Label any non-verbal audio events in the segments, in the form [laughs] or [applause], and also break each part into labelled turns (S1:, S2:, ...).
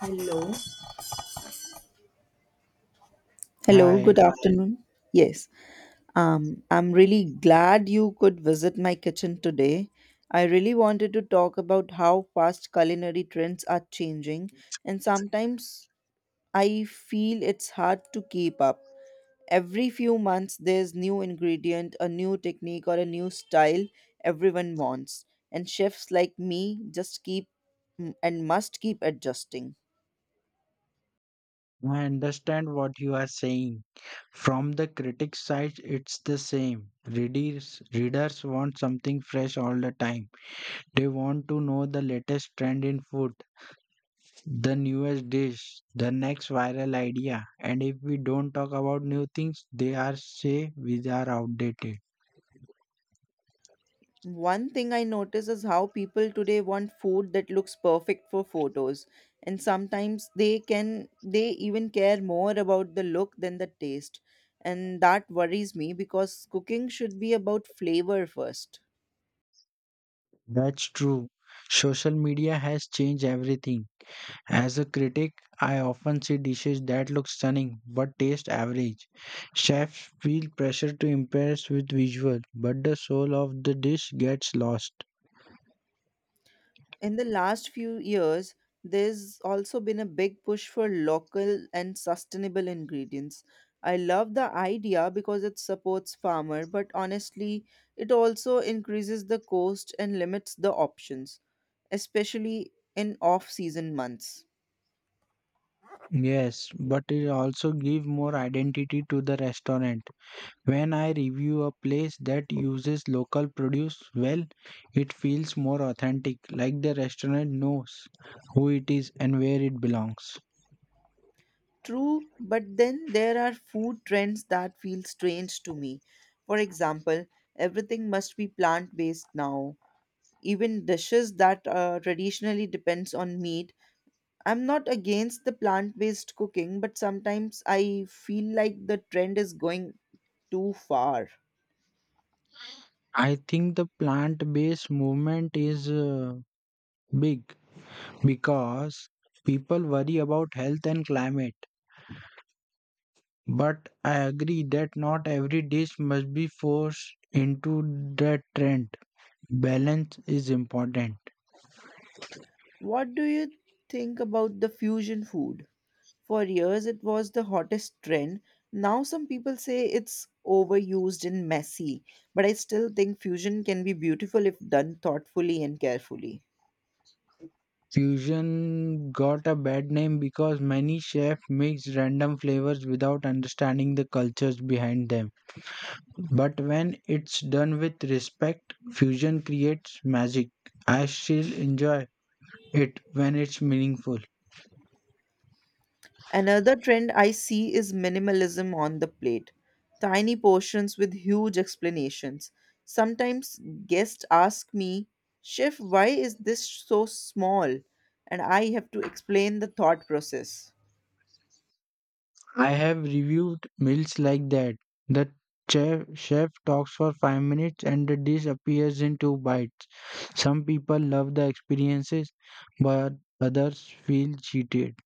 S1: Hello. Hello, good
S2: Hi,
S1: afternoon. Yes, I'm really glad you could visit my kitchen today. I really wanted to talk about how fast culinary trends are changing, and sometimes I feel it's hard to keep up. Every few months, there's new ingredient, a new technique, or a new style everyone wants, and chefs like me just keep and must keep adjusting.
S2: I understand what you are saying. From the critic's side, it's the same. Readers want something fresh all the time. They want to know the latest trend in food, the newest dish, the next viral idea. And if we don't talk about new things, they are say we are outdated.
S1: One thing I notice is how people today want food that looks perfect for photos, and sometimes they even care more about the look than the taste. And that worries me because cooking should be about flavor first.
S2: That's true. Social media has changed everything. As a critic, I often see dishes that look stunning but taste average. Chefs feel pressure to impress with visual, but the soul of the dish gets lost.
S1: In the last few years, there's also been a big push for local and sustainable ingredients. I love the idea because it supports farmer, but honestly, it also increases the cost and limits the options, especially in off-season months.
S2: Yes, but it also gives more identity to the restaurant. When I review a place that uses local produce well, it feels more authentic, like the restaurant knows who it is and where it belongs.
S1: True, but then there are food trends that feel strange to me. For example, everything must be plant-based now. Even dishes that traditionally depends on meat. I'm not against the plant based cooking, but sometimes I feel like the trend is going too far.
S2: I think the plant based movement is big because people worry about health and climate. But I agree that not every dish must be forced into that trend. Balance is important.
S1: What do you think about the fusion food? For years, it was the hottest trend. Now, some people say it's overused and messy, but I still think fusion can be beautiful if done thoughtfully and carefully.
S2: Fusion got a bad name because many chefs mix random flavors without understanding the cultures behind them. But when it's done with respect, fusion creates magic. I still enjoy it when it's meaningful.
S1: Another trend I see is minimalism on the plate. Tiny portions with huge explanations. Sometimes guests ask me, "Chef, why is this so small?" And I have to explain the thought process.
S2: I have reviewed meals like that. The chef talks for 5 minutes and the dish appears in 2 bites. Some people love the experiences, but others feel cheated.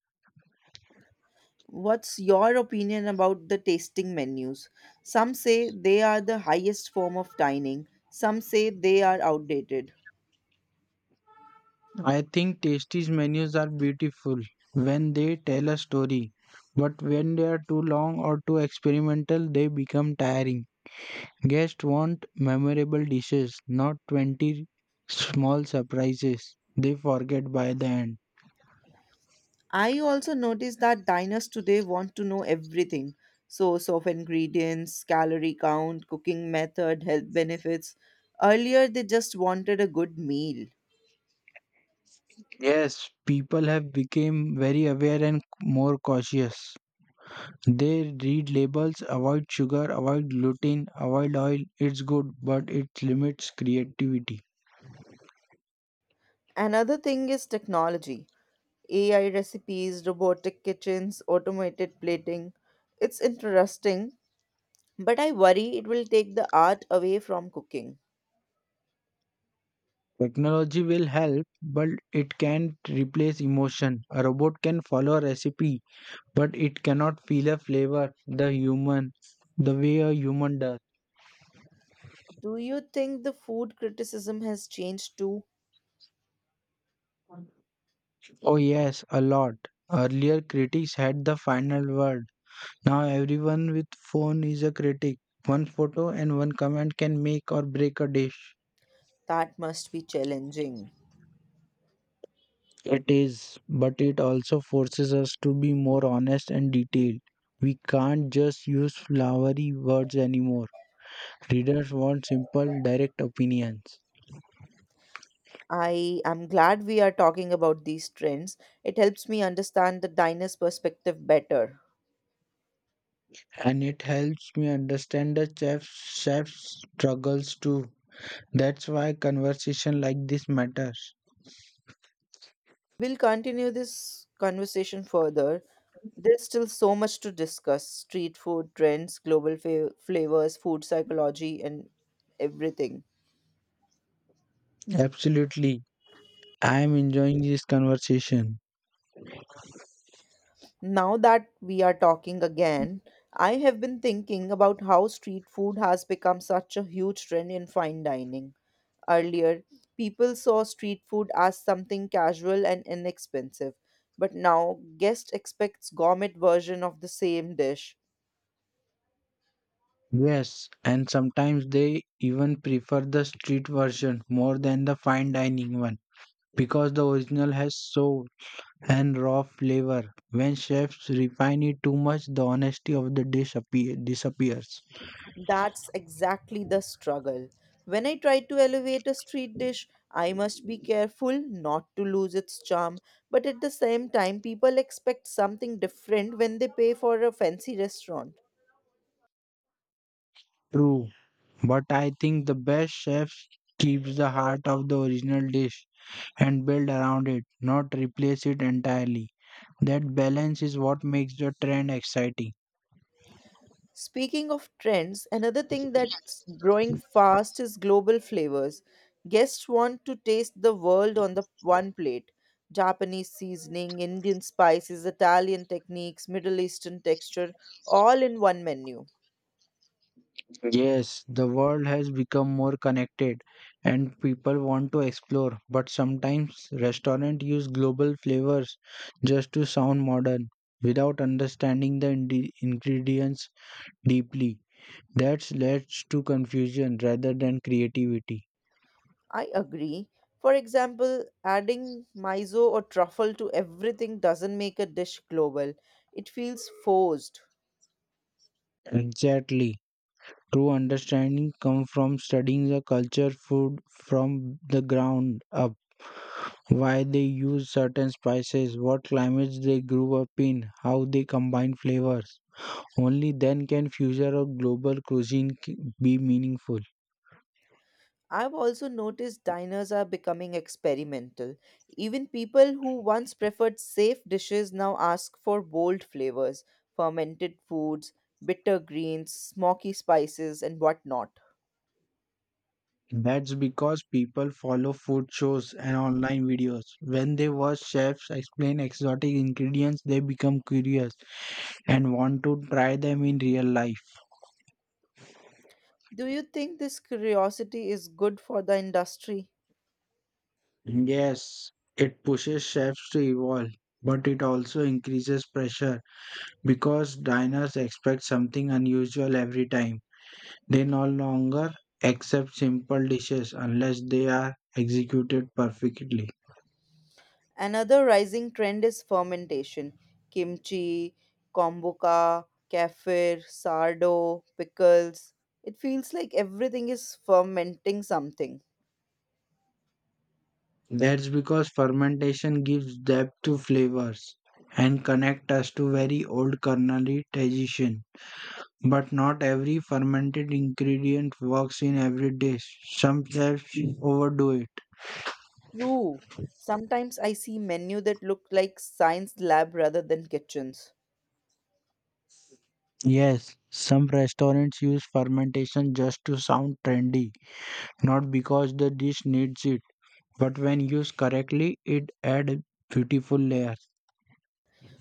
S1: What's your opinion about the tasting menus? Some say they are the highest form of dining, some say they are outdated.
S2: I think Tasty's menus are beautiful when they tell a story, but when they are too long or too experimental, they become tiring. Guests want memorable dishes, not 20 small surprises they forget by the end.
S1: I also noticed that diners today want to know everything: source of ingredients, calorie count, cooking method, health benefits. Earlier, they just wanted a good meal.
S2: Yes, people have become very aware and more cautious. They read labels, avoid sugar, avoid gluten, avoid oil. It's good, but it limits creativity.
S1: Another thing is technology: AI recipes, robotic kitchens, automated plating. It's interesting, but I worry it will take the art away from cooking.
S2: Technology will help, but it can't replace emotion. A robot can follow a recipe, but it cannot feel a flavor the way a human does.
S1: Do you think the food criticism has changed too?
S2: Oh yes, a lot. Earlier critics had the final word. Now everyone with phone is a critic. One photo and one comment can make or break a dish.
S1: That must be challenging.
S2: It is, but it also forces us to be more honest and detailed. We can't just use flowery words anymore. Readers want simple, direct opinions.
S1: I am glad we are talking about these trends. It helps me understand the diner's perspective better.
S2: And it helps me understand the chef's struggles too. That's why conversation like this matters.
S1: We'll continue this conversation further. There's still so much to discuss: street food trends, global flavors, food psychology, and everything.
S2: Absolutely. I am enjoying this conversation.
S1: Now that we are talking again, I have been thinking about how street food has become such a huge trend in fine dining. Earlier, people saw street food as something casual and inexpensive, but now guest expects gourmet version of the same dish.
S2: Yes, and sometimes they even prefer the street version more than the fine dining one because the original has soul and raw flavor. When chefs refine it too much, the honesty of the dish disappears.
S1: That's exactly the struggle. When I try to elevate a street dish, I must be careful not to lose its charm, but at the same time, people expect something different when they pay for a fancy restaurant.
S2: True, but I think the best chefs keeps the heart of the original dish and build around it, not replace it entirely. That balance is what makes the trend exciting.
S1: Speaking of trends, another thing that's growing fast is global flavors. Guests want to taste the world on the one plate. Japanese seasoning, Indian spices, Italian techniques, Middle Eastern texture, all in one menu.
S2: Yes, the world has become more connected and people want to explore, but sometimes restaurants use global flavors just to sound modern without understanding the ingredients deeply. That leads to confusion rather than creativity.
S1: I agree. For example, adding miso or truffle to everything doesn't make a dish global. It feels forced.
S2: Exactly. True understanding comes from studying the culture food from the ground up. Why they use certain spices, what climates they grew up in, how they combine flavors. Only then can future of global cuisine be meaningful.
S1: I've also noticed diners are becoming experimental. Even people who once preferred safe dishes now ask for bold flavors, fermented foods, bitter greens, smoky spices, and whatnot.
S2: That's because people follow food shows and online videos. When they watch chefs explain exotic ingredients, they become curious and want to try them in real life.
S1: Do you think this curiosity is good for the industry?
S2: Yes, it pushes chefs to evolve, but it also increases pressure because diners expect something unusual every time. They no longer accept simple dishes unless they are executed perfectly.
S1: Another rising trend is fermentation. Kimchi, kombucha, kefir, sardo, pickles. It feels like everything is fermenting something.
S2: That's because fermentation gives depth to flavors and connect us to very old culinary tradition. But not every fermented ingredient works in every dish. Some chefs overdo it.
S1: True. Sometimes I see menu that look like science lab rather than kitchens.
S2: Yes, some restaurants use fermentation just to sound trendy, not because the dish needs it, but when used correctly, it adds beautiful layers.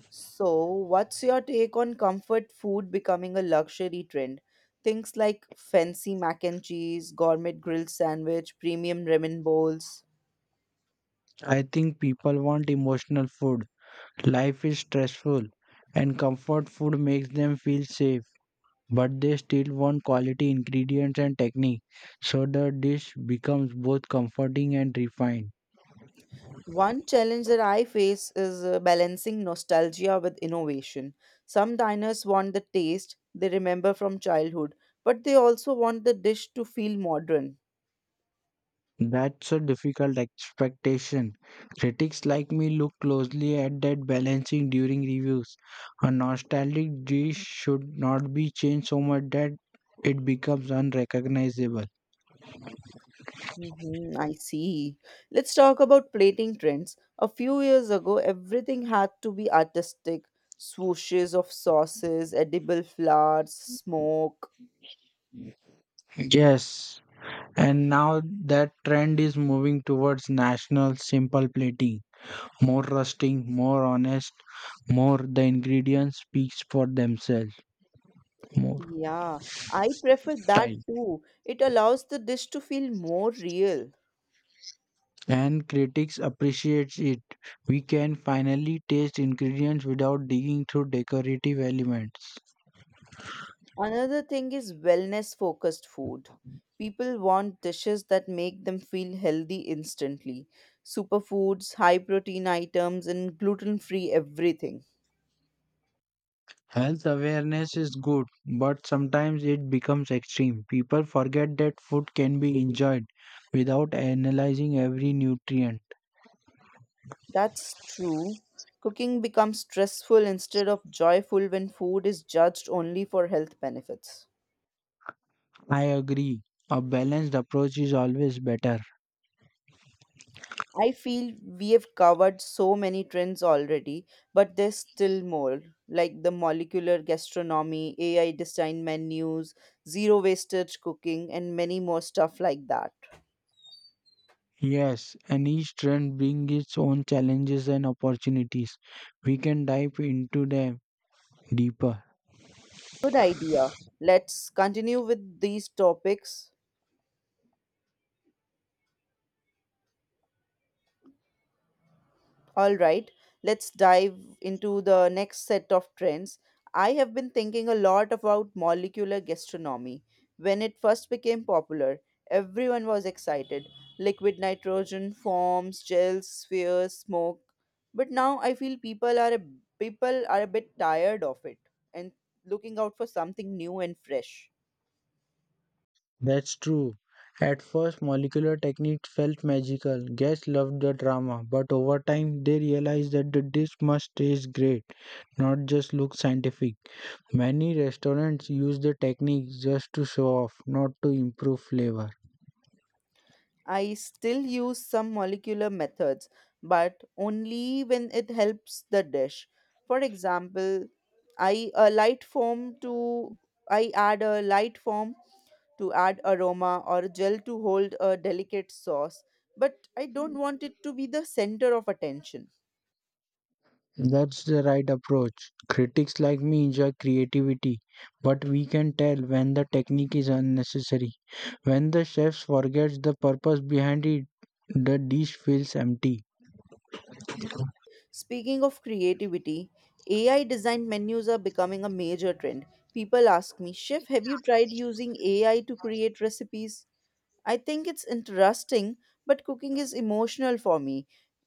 S1: So, what's your take on comfort food becoming a luxury trend? Things like fancy mac and cheese, gourmet grilled sandwich, premium ramen bowls.
S2: I think people want emotional food. Life is stressful, and comfort food makes them feel safe, but they still want quality ingredients and technique, so the dish becomes both comforting and refined.
S1: One challenge that I face is balancing nostalgia with innovation. Some diners want the taste they remember from childhood, but they also want the dish to feel modern.
S2: That's a difficult expectation. Critics like me look closely at that balancing during reviews. A nostalgic dish should not be changed so much that it becomes unrecognizable.
S1: Mhm, I see. Let's talk about plating trends. A few years ago, everything had to be artistic: swooshes of sauces, edible flowers, smoke.
S2: Yes, and now that trend is moving towards national simple plating. More rusting, more honest, more the ingredients speaks for themselves. More
S1: Yeah, I prefer that
S2: time.
S1: too. It allows the dish to feel more real.
S2: And critics appreciate it. We can finally taste ingredients without digging through decorative elements.
S1: Another thing is wellness focused food. People want dishes that make them feel healthy instantly. Superfoods, high protein items, and gluten free everything.
S2: Health awareness is good, but sometimes it becomes extreme. People forget that food can be enjoyed without analyzing every nutrient.
S1: That's true. Cooking becomes stressful instead of joyful when food is judged only for health benefits.
S2: I agree. A balanced approach is always better.
S1: I feel we have covered so many trends already, but there's still more, like the molecular gastronomy, AI designed menus, zero wastage cooking, and many more stuff like that.
S2: Yes, and each trend brings its own challenges and opportunities. We can dive into them deeper.
S1: Good idea. Let's continue with these topics. All right, let's dive into the next set of trends. I have been thinking a lot about molecular gastronomy. When it first became popular, everyone was excited. Liquid nitrogen forms, gels, spheres, smoke. But now I feel people are a bit tired of it and looking out for something new and fresh.
S2: That's true. At first, molecular techniques felt magical. Guests loved the drama, but over time, they realized that the dish must taste great, not just look scientific. Many restaurants use the technique just to show off, not to improve flavor.
S1: I still use some molecular methods, but only when it helps the dish. For example, I a light foam to I add a light foam to add aroma or gel to hold a delicate sauce, but I don't want it to be the center of attention.
S2: That's the right approach. Critics like me enjoy creativity, but we can tell when the technique is unnecessary. When the chef forgets the purpose behind it, the dish feels empty.
S1: Speaking of creativity, AI designed menus are becoming a major trend. People ask me, "Chef, have you tried using AI to create recipes?" I think it's interesting, but cooking is emotional for me.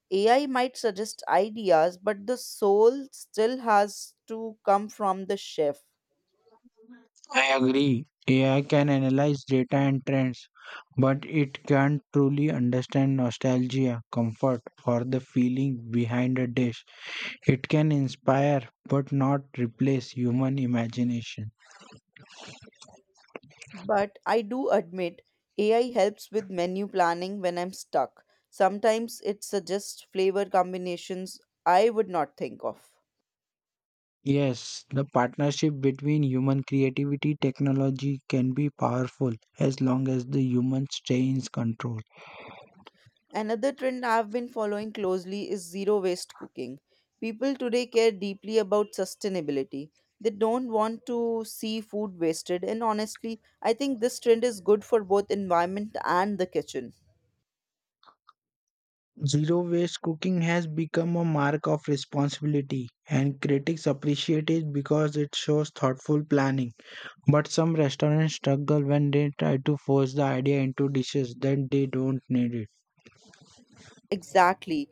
S1: AI might suggest ideas, but the soul still has to come from the chef.
S2: I agree. AI can analyze data and trends, but it can't truly understand nostalgia, comfort, or the feeling behind a dish. It can inspire, but not replace human imagination.
S1: But I do admit AI helps with menu planning when I'm stuck. Sometimes it suggests flavor combinations I would not think of.
S2: Yes, the partnership between human creativity technology can be powerful as long as the human stay in control.
S1: Another trend I've been following closely is zero waste cooking. People today care deeply about sustainability. They don't want to see food wasted, and honestly, I think this trend is good for both environment and the kitchen.
S2: Zero waste cooking has become a mark of responsibility and critics appreciate it because it shows thoughtful planning. But some restaurants struggle when they try to force the idea into dishes that they don't need it.
S1: Exactly.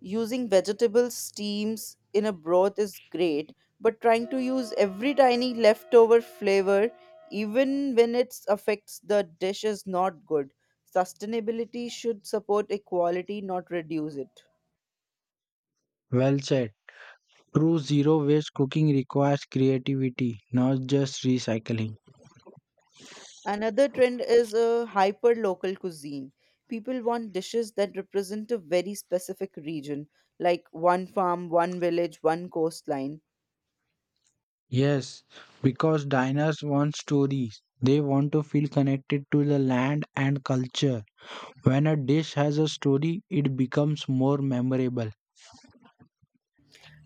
S1: Using vegetable steams in a broth is great, but trying to use every tiny leftover flavor even when it affects the dish is not good. Sustainability should support equality, not reduce it.
S2: Well said. True zero waste cooking requires creativity, not just recycling.
S1: Another trend is a hyper local cuisine. People want dishes that represent a very specific region, like one farm, one village, one coastline.
S2: Yes, because diners want stories. They want to feel connected to the land and culture. When a dish has a story, it becomes more memorable.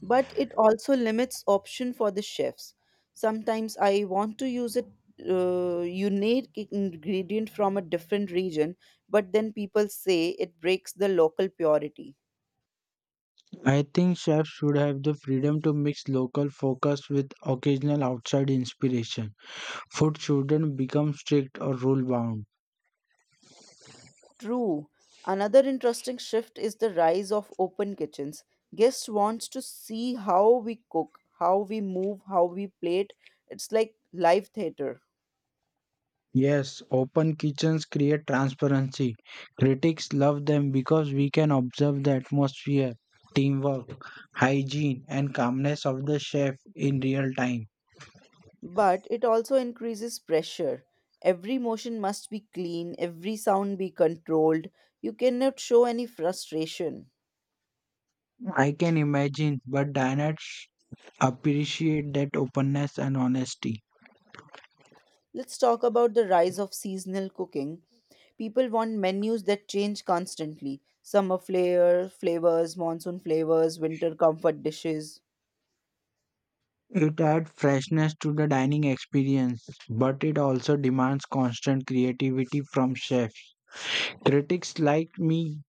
S1: But it also limits option for the chefs. Sometimes I want to use a unique ingredient from a different region, but then people say it breaks the local purity.
S2: I think chefs should have the freedom to mix local focus with occasional outside inspiration. Food shouldn't become strict or rule bound.
S1: True. Another interesting shift is the rise of open kitchens. Guests wants to see how we cook, how we move, how we plate. It's like live theater.
S2: Yes, open kitchens create transparency. Critics love them because we can observe the atmosphere, teamwork, hygiene, and calmness of the chef in real time.
S1: But it also increases pressure. Every motion must be clean, every sound be controlled. You cannot show any frustration.
S2: I can imagine, but diners appreciate that openness and honesty.
S1: Let's talk about the rise of seasonal cooking. People want menus that change constantly. Summer flair, flavors, monsoon flavors, winter comfort dishes.
S2: It adds freshness to the dining experience, but it also demands constant creativity from chefs. Critics like me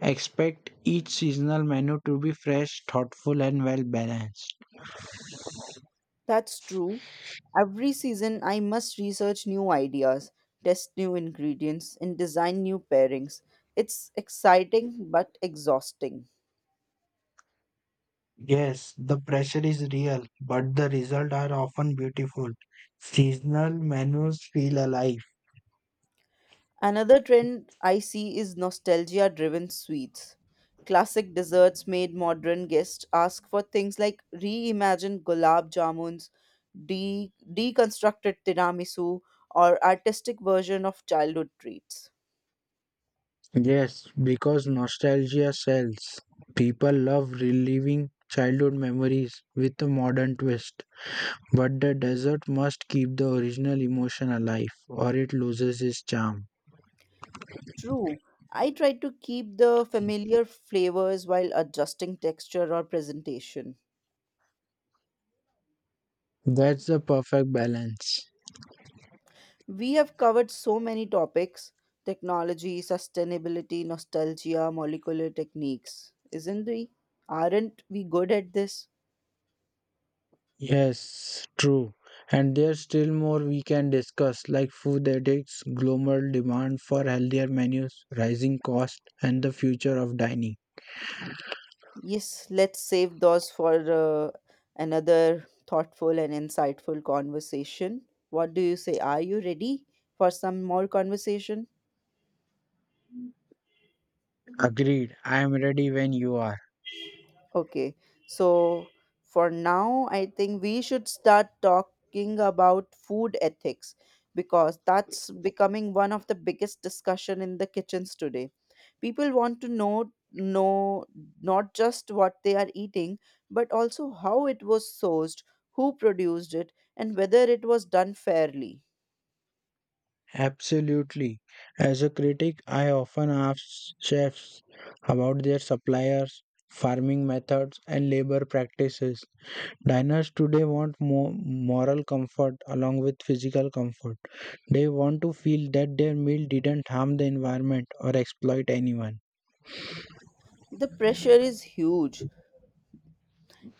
S2: expect each seasonal menu to be fresh, thoughtful, and well balanced.
S1: That's true. Every season, I must research new ideas, test new ingredients, and design new pairings. It's exciting but exhausting.
S2: Yes, the pressure is real, but the results are often beautiful. Seasonal menus feel alive.
S1: Another trend I see is nostalgia driven sweets. Classic desserts made modern guests ask for things like reimagined gulab jamuns, de- deconstructed tiramisu, or artistic version of childhood treats.
S2: Yes, because nostalgia sells. People love reliving childhood memories with a modern twist. But the dessert must keep the original emotion alive or it loses its charm.
S1: True. I try to keep the familiar flavors while adjusting texture or presentation.
S2: That's the perfect balance.
S1: We have covered so many topics: technology, sustainability, nostalgia, molecular techniques. Isn't we? Aren't we good at this?
S2: Yes, true. And there's still more we can discuss, like food addicts, global demand for healthier menus, rising cost, and the future of dining.
S1: Yes, let's save those for another thoughtful and insightful conversation. What do you say? Are you ready for some more conversation?
S2: Agreed. I am ready when you are.
S1: Okay, so for now, I think we should start talking about food ethics because that's becoming one of the biggest discussion in the kitchens today. People want to know not just what they are eating, but also how it was sourced, who produced it, and whether it was done fairly.
S2: Absolutely. As a critic, I often ask chefs about their suppliers, farming methods, and labor practices. Diners today want more moral comfort along with physical comfort. They want to feel that their meal didn't harm the environment or exploit anyone.
S1: The pressure is huge.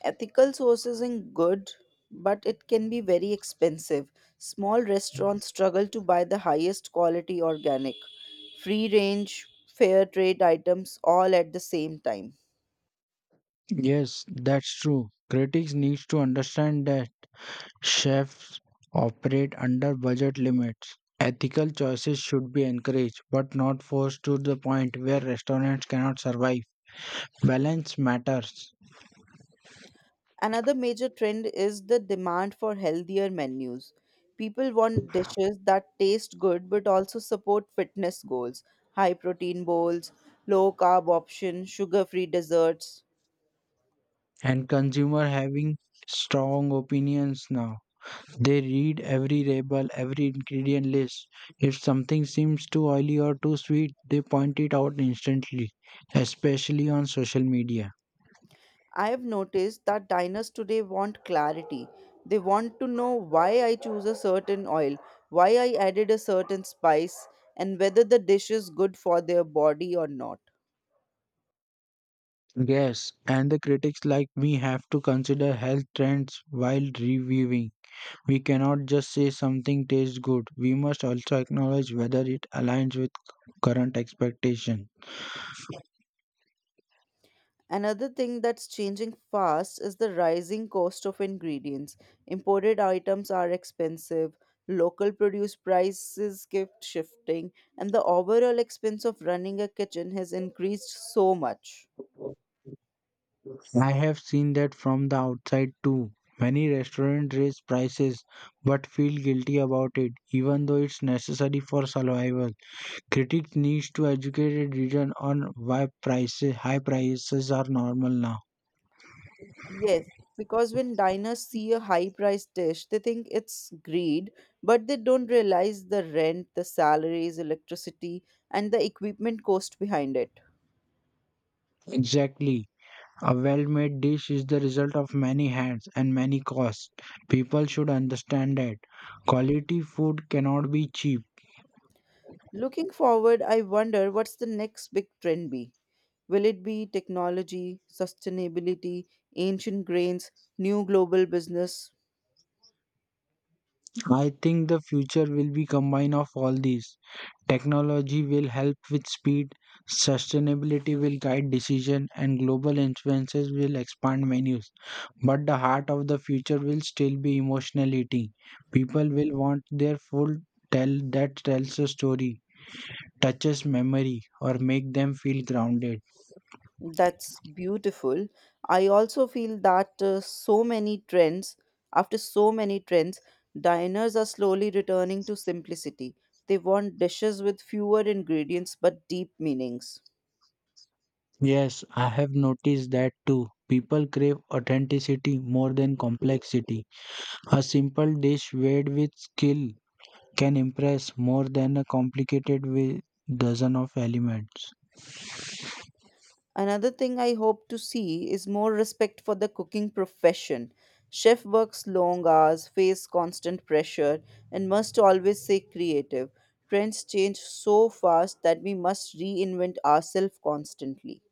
S1: Ethical sourcing good, but it can be very expensive. Small restaurants struggle to buy the highest quality organic, free range, fair trade items all at the same time.
S2: Yes, that's true. Critics need to understand that chefs operate under budget limits. Ethical choices should be encouraged but not forced to the point where restaurants cannot survive. Balance matters
S1: Another major trend is the demand for healthier menus. People want dishes that taste good but also support fitness goals, high protein bowls, low carb options, sugar free desserts.
S2: and consumer having strong opinions now. They read every label, every ingredient list. If something seems too oily or too sweet, they point it out instantly, especially on social media.
S1: I have noticed that diners today want clarity. They want to know why I choose a certain oil, why I added a certain spice, and whether the dish is good for their body or not.
S2: Yes, and the critics like me have to consider health trends while reviewing. We cannot just say something tastes good. We must also acknowledge whether it aligns with current expectation.
S1: Another thing that's changing fast is the rising cost of ingredients. Imported items are expensive, local produce prices keep shifting, and the overall expense of running a kitchen has increased so much.
S2: I have seen that from the outside too. Many restaurants raise prices but feel guilty about it, even though it's necessary for survival. Critics need to educate a region on why prices high prices are normal now.
S1: Yes, because when diners see a high priced dish, they think it's greed, but they don't realize the rent, the salaries, electricity, and the equipment cost behind it.
S2: Exactly. A well-made dish is the result of many hands and many costs. People should understand that. Quality food cannot be cheap.
S1: Looking forward, I wonder what's the next big trend be? Will it be technology, sustainability, ancient grains, new global business?
S2: I think the future will be combine of all these. Technology will help with speed, sustainability will guide decision, and global influences will expand menus. But the heart of the future will still be emotional eating. People will want their food tell that tells a story, touches memory, or make them feel grounded.
S1: That's beautiful. I also feel that so many trends, after so many trends, diners are slowly returning to simplicity. They want dishes with fewer ingredients but deep meanings.
S2: Yes, I have noticed that too. People crave authenticity more than complexity. A simple dish weighed with skill can impress more than a complicated with dozen of elements.
S1: Another thing I hope to see is more respect for the cooking profession. Chef works long hours, face constant pressure, and must always stay creative. Trends change so fast that we must reinvent ourselves constantly.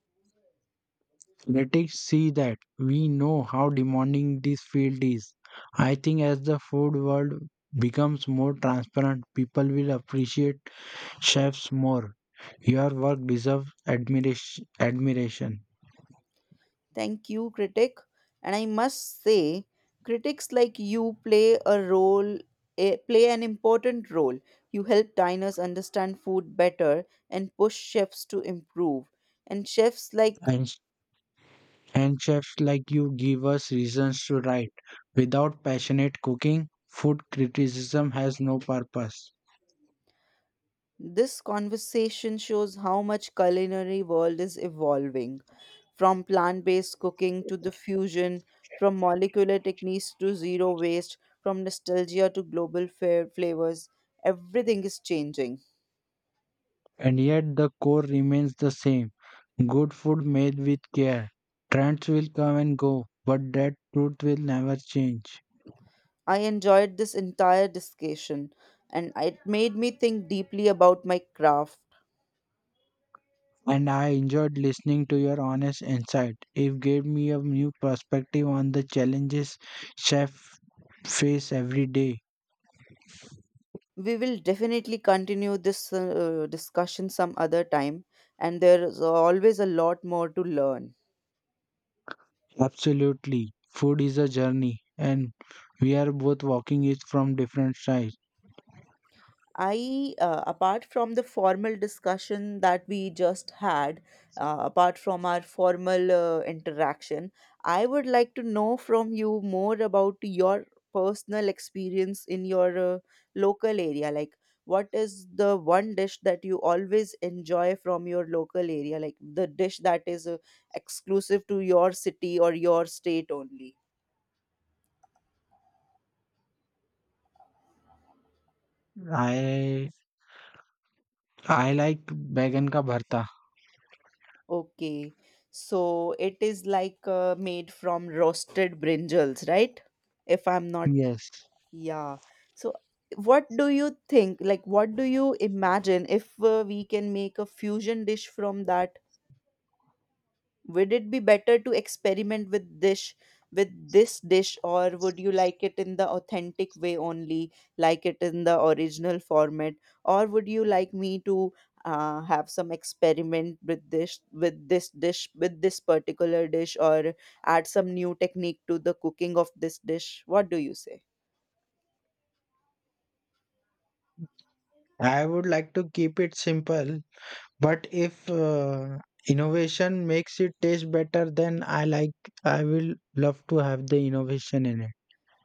S2: Let's see that we know how demanding this field is. I think as the food world becomes more transparent, people will appreciate chefs more. Your work deserves admiration.
S1: Thank you, critic. And I must say, critics like you play a role, play an important role. You help diners understand food better and push chefs to improve. And chefs like
S2: And, and chefs like you give us reasons to write. Without passionate cooking, food criticism has no purpose.
S1: this conversation shows how much culinary world is evolving, from plant-based cooking to the fusion, from molecular techniques to zero waste, from nostalgia to global fair flavors. Everything is changing.
S2: And yet the core remains the same. Good food made with care. Trends will come and go, but that truth will never change.
S1: I enjoyed this entire discussion and it made me think deeply about my craft.
S2: And I enjoyed listening to your honest insight. It gave me a new perspective on the challenges chefs face every day.
S1: We will definitely continue this discussion some other time, and there is always a lot more to learn.
S2: Absolutely. Food is a journey and we are both walking it from different sides.
S1: I apart from the formal discussion that we just had, apart from our formal interaction, I would like to know from you more about your personal experience in your local area. Like, what is the one dish that you always enjoy from your local area? Like, the dish that is exclusive to your city or your state only?
S2: I I like vegan ka bharta.
S1: Okay. So it is like made from roasted brinjals, right? If I'm not,
S2: Yes.
S1: yeah. So what do you think? Like, what do you imagine if we can make a fusion dish from that? Would it be better to experiment with dish with this dish or would you like it in the authentic way only, like it in the original format, or would you like me to have some experiment with this dish with this particular dish or add some new technique to the cooking of this dish? What do you say?
S2: I would like to keep it simple. But if innovation makes it taste better, then I will love to have the innovation in it.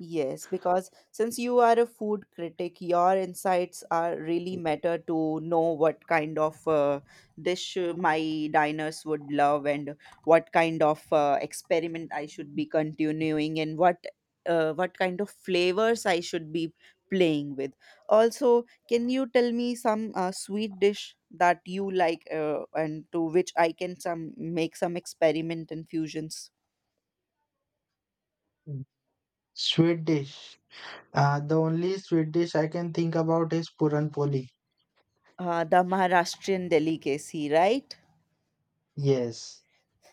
S1: Yes, because since you are a food critic, your insights are really matter to know what kind of dish my diners would love and what kind of experiment I should be continuing and what kind of flavors I should be playing with. Also, can you tell me some sweet dish that you like and to which I can some make some experiment and fusions?
S2: Mm. Sweet dish. The only sweet dish I can think about is puran poli.
S1: The Maharashtrian delicacy, right?
S2: Yes,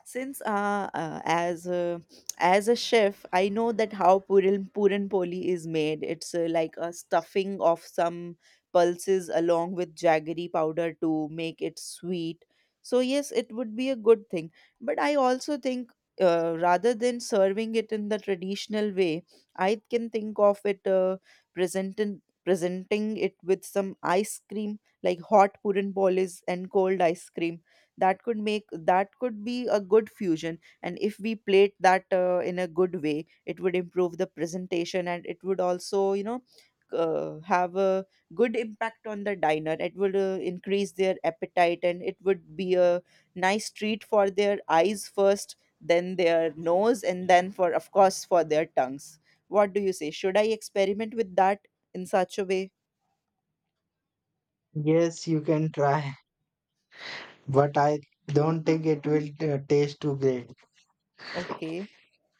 S1: Since as a chef, I know that how puran poli is made. It's like a stuffing of some pulses along with jaggery powder to make it sweet. So yes, it would be a good thing. But I also think rather than serving it in the traditional way, I can think of it presenting it with some ice cream, like hot puran polis and cold ice cream. That could make that could be a good fusion, and if we plate that in a good way, it would improve the presentation, and it would also have a good impact on the diner. It would increase their appetite, and it would be a nice treat for their eyes first, then their nose, and then, for of course, for their tongues. What do you say? Should I experiment with that in such a way?
S2: yes, you can try, but I don't think it will taste too great.
S1: Okay,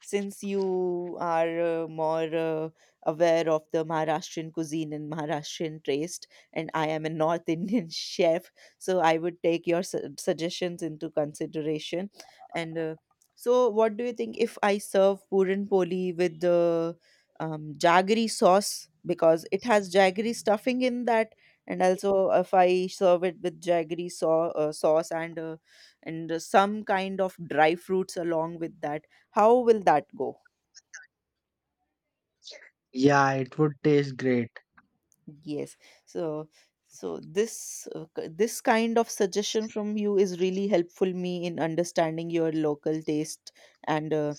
S1: since you are more aware of the Maharashtrian cuisine and Maharashtrian taste, and I am a North Indian [laughs] chef, so I would take your suggestions into consideration. And so, what do you think if I serve puran poli with the jaggery sauce, because it has jaggery stuffing in that, and also if I serve it with sauce and some kind of dry fruits along with that, how will that go?
S2: Yeah, it would taste great.
S1: Yes. So so this this kind of suggestion from you is really helpful me in understanding your local taste, and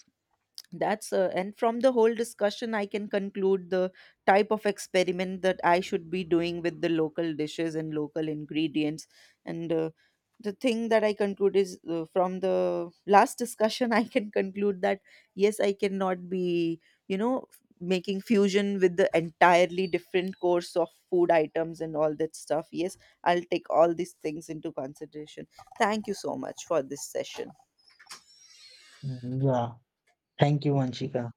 S1: that's and from the whole discussion I can conclude the type of experiment that I should be doing with the local dishes and local ingredients. And the thing that I conclude is from the last discussion, [laughs] I can conclude that yes, I cannot be, you know, making fusion with the entirely different course of food items and all that stuff. Yes, I'll take all these things into consideration. Thank you so much for this session.
S2: Mm, yeah. Thank you, Vanshika.